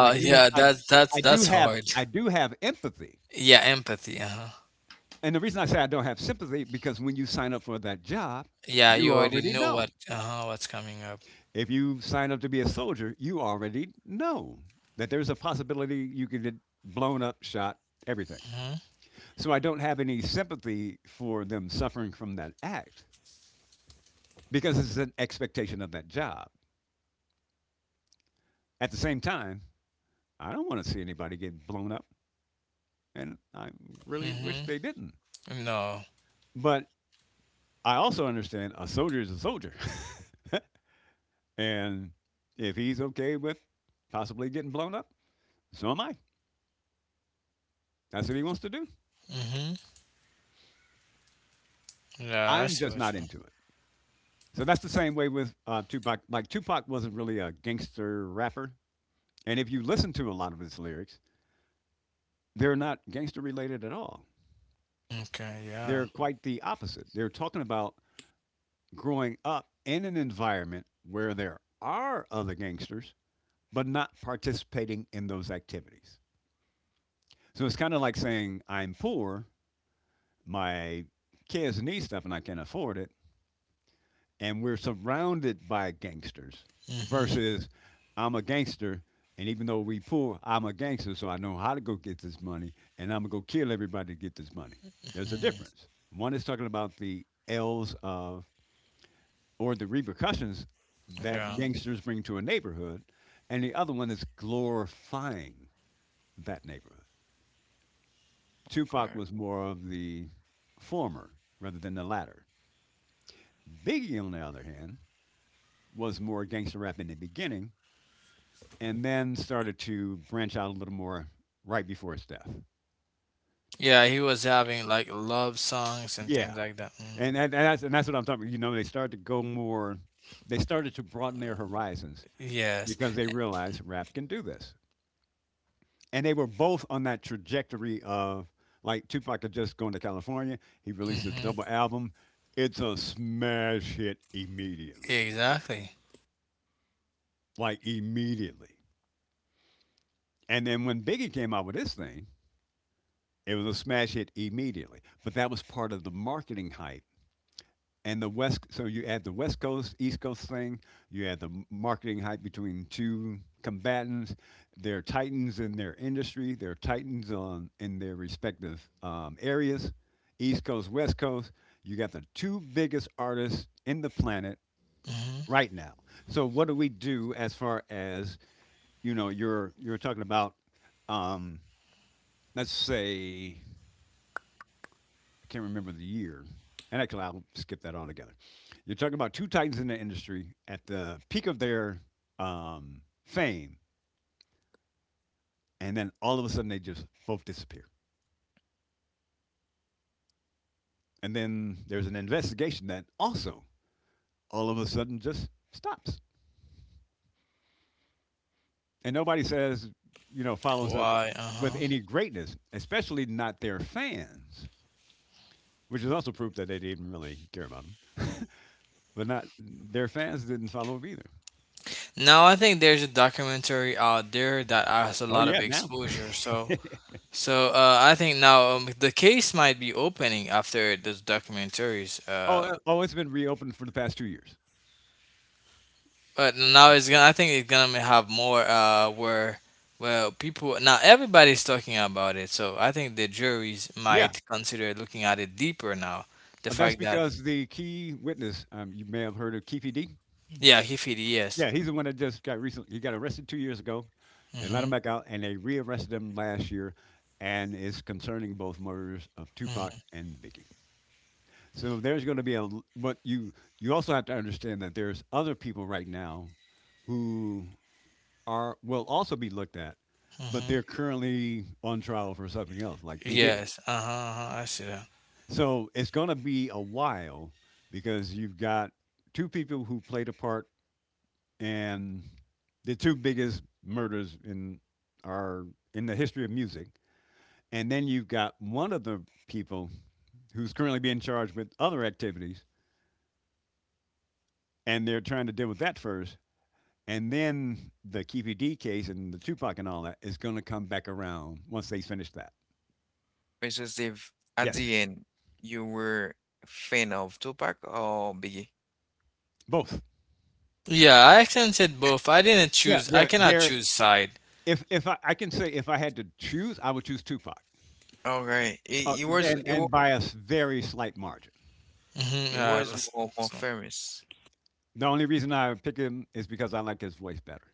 I do, Yeah, I, that's that's I do that's have, hard. I do have empathy. Yeah, empathy. Uh-huh. And the reason I say I don't have sympathy because when you sign up for that job, Yeah, you you already already know what know. uh-huh what's coming up. If you sign up to be a soldier, you already know that there's a possibility you could get blown up, shot, everything. Mhm. So I don't have any sympathy for them suffering from that act because it's an expectation of that job. At the same time, I don't want to see anybody get blown up, and I really wish Mhm. they didn't. No. But I also understand a soldier is a soldier. And if he's okay with possibly getting blown up, so am I. That's what he wants to do. Mhm. Yeah, I I'm see just what not you into it. So that's the same way with uh, Tupac. Like Tupac wasn't really a gangster rapper, and if you listen to a lot of his lyrics, they're not gangster related at all. mean. Okay, yeah. They're quite the opposite. They're talking about growing up in an environment where there are other gangsters, but not participating in those activities. So it's kind of like saying I'm poor, my kids need stuff and I can't afford it, and we're surrounded by gangsters Mhm. versus I'm a gangster. And even though we poor, I'm a gangster, so I know how to go get this money, and I'm gonna go kill everybody to get this money. There's a Mhm. difference. One is talking about the L's of or the repercussions that Yeah. Mm-hmm. gangsters bring to a neighborhood, and the other one is glorifying that neighborhood. Tupac Okay. was more of the former rather than the latter. Biggie, on the other hand, was more gangster rap in the beginning and then started to branch out a little more right before his death. Yeah, he was having like love songs and Yeah. things like that. Mm. And, that- and, that's, and that's what I'm talking about. You know, they started to go more, they started to broaden their horizons Yes. because they realized rap can do this. And they were both on that trajectory of like Tupac had just gone to California. He released his Hmm. double album. It's a smash hit immediately, Exactly. like immediately. And then when Biggie came out with his thing, it was a smash hit immediately, but that was part of the marketing hype. And the West, so you add the West Coast, East Coast thing, you add the m- marketing hype between two combatants. They're titans in their industry, they're titans on, in their respective um, areas, East Coast, West Coast. You got the two biggest artists in the planet Hmm. right now. So, what do we do as far as you know you're you're talking about um, let's say I can't remember the year. And actually, I'll skip that altogether. You're talking about two titans in the industry at the peak of their um, fame, and then all of a sudden they just both disappear. And then there's an investigation that also all of a sudden just stops. And nobody says, you know, follows up Why? with Uh-huh. any greatness, especially not their fans, which is also proof that they didn't really care about them. But not their fans didn't follow up either. Now I think there's a documentary out there that has a Oh lot of yeah, now. exposure. So, so uh, I think now um, the case might be opening after those documentaries. Oh, Uh, uh, oh, it's been reopened for the past two years. But now it's gonna. I think it's gonna have more. Uh, where well, people now everybody's talking about it. So I think the juries Yeah, might consider looking at it deeper now. The that's fact that. because the key witness, um, you may have heard of Keefe D. Yeah, he fit. Yes. Yeah, he's the one that just got recently. He got arrested two years ago. They let Mhm. him back out, and they rearrested him last year, and it's concerning both murders of Tupac Mhm. and Biggie. So there's going to be a. l- But you you also have to understand that there's other people right now who are will also be looked at, but Mhm. they're currently on trial for something else, like P Diddy. Yes. Uh huh. Uh-huh. I see that. So it's going to be a while because you've got two people who played a part in the two biggest murders in our in the history of music, and then you've got one of the people who's currently being charged with other activities, and they're trying to deal with that first, and then the K P D case and the Tupac and all that is going to come back around once they finish that. mister Steve, at the Yes, end, you were fan of Tupac or Biggie? both. Yeah, I accented both. I didn't Yeah, choose. I they're cannot they're. choose side. If if I, I can say if I had to choose, I would choose Tupac. Okay, Uh, it, it was and it was and by a s- very slight margin. Mhm. it Yeah. was that's- more, more so- famous, The only reason I pick him is because I like his voice better.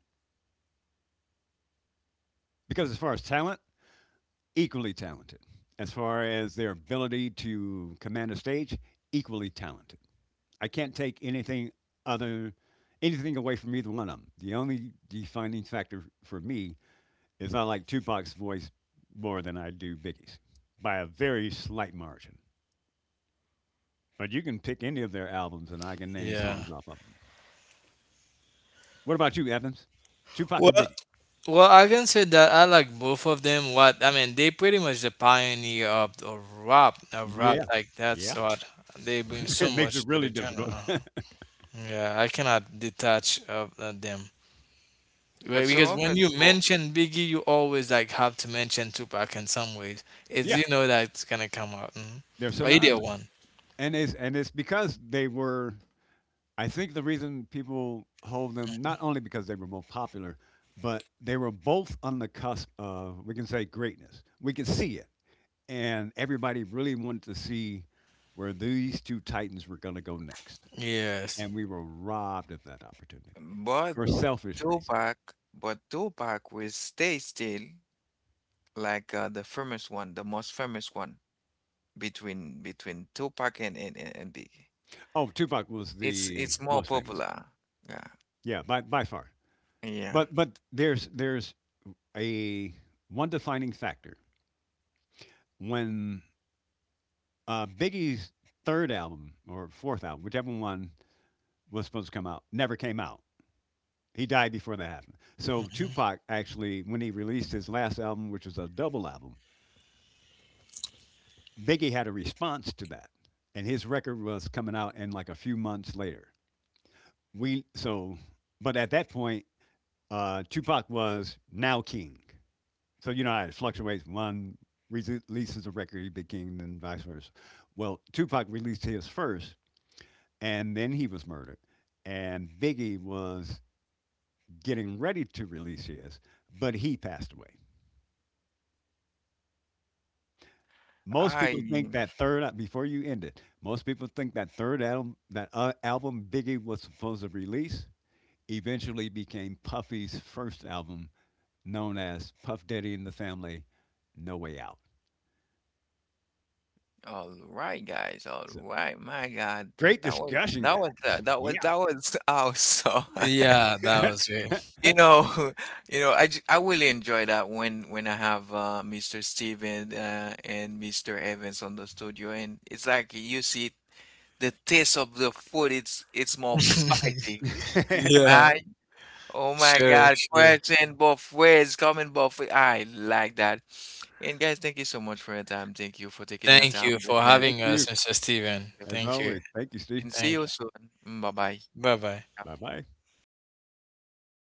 Because as far as talent, equally talented. As far as their ability to command a stage, equally talented. I can't take anything other anything away from either one of them. The only defining factor for me is I like Tupac's voice more than I do Biggie's by a very slight margin. But you can pick any of their albums and I can name yeah. songs off of them. What about you, Evans? Tupac or Well, Biggie? well, I can say that I like both of them. What I mean, they pretty much the pioneer of, of rap, of rap. Yeah, Like that's yeah. what they bring so It makes much it to really the genre. difficult. Uh-huh. Yeah, I cannot detach of uh, them. but Right, so because when often you people mention Biggie, you always like have to mention Tupac in some ways. It's Yeah, you know that's gonna come out. Mhm. they're Or either synonymous. one. And it's and it's because they were, I think the reason people hold them not only because they were more popular, but they were both on the cusp of, we can say, greatness. We could see it. And everybody really wanted to see where these two titans were going to go next. Yes. And we were robbed of that opportunity but for selfish reasons. Tupac, but Tupac will stay still like uh, the famous one, the most famous one between between Tupac and and and and Biggie. Oh, Tupac was It's the it's more most famous. popular. Yeah, Yeah, by by far. yeah. But but there's there's a one defining factor when uh, Biggie's third album or fourth album, whichever one was supposed to come out, never came out. He died before that happened. So Mhm. Tupac actually, when he released his last album, which was a double album, Biggie had a response to that, and his record was coming out in like a few months later. We so, but at that point, uh, Tupac was now king. So you know how it fluctuates. One releases a record, he became, and vice versa. Well, Tupac released his first, and then he was murdered. And Biggie was getting ready to release his, but he passed away. Most people think I that third al- before you end it. Most people think that third album, that uh, album Biggie was supposed to release, eventually became Puffy's first album, known as Puff Daddy and the Family, No Way Out. All right, guys. All So right, my God, great that was discussion, that was guys. that that was Yeah. that was awesome. Yeah, that was great. You know, you know, I, j- I really enjoy that when when I have uh, mister Steven uh, and mister Evans on the studio, and it's like you see the taste of the food. It's it's more spicy, Thank Yeah, right? Oh my sure, God, sure. question both ways, coming both ways. I like that. And guys, thank you so much for your time. Thank you for taking your Thank time you for listening having to- you. us, mister Thank Steven. you. As Thank you. always. Thank you, Steve. And see Thank you you. soon. Bye bye. Bye bye. Bye bye.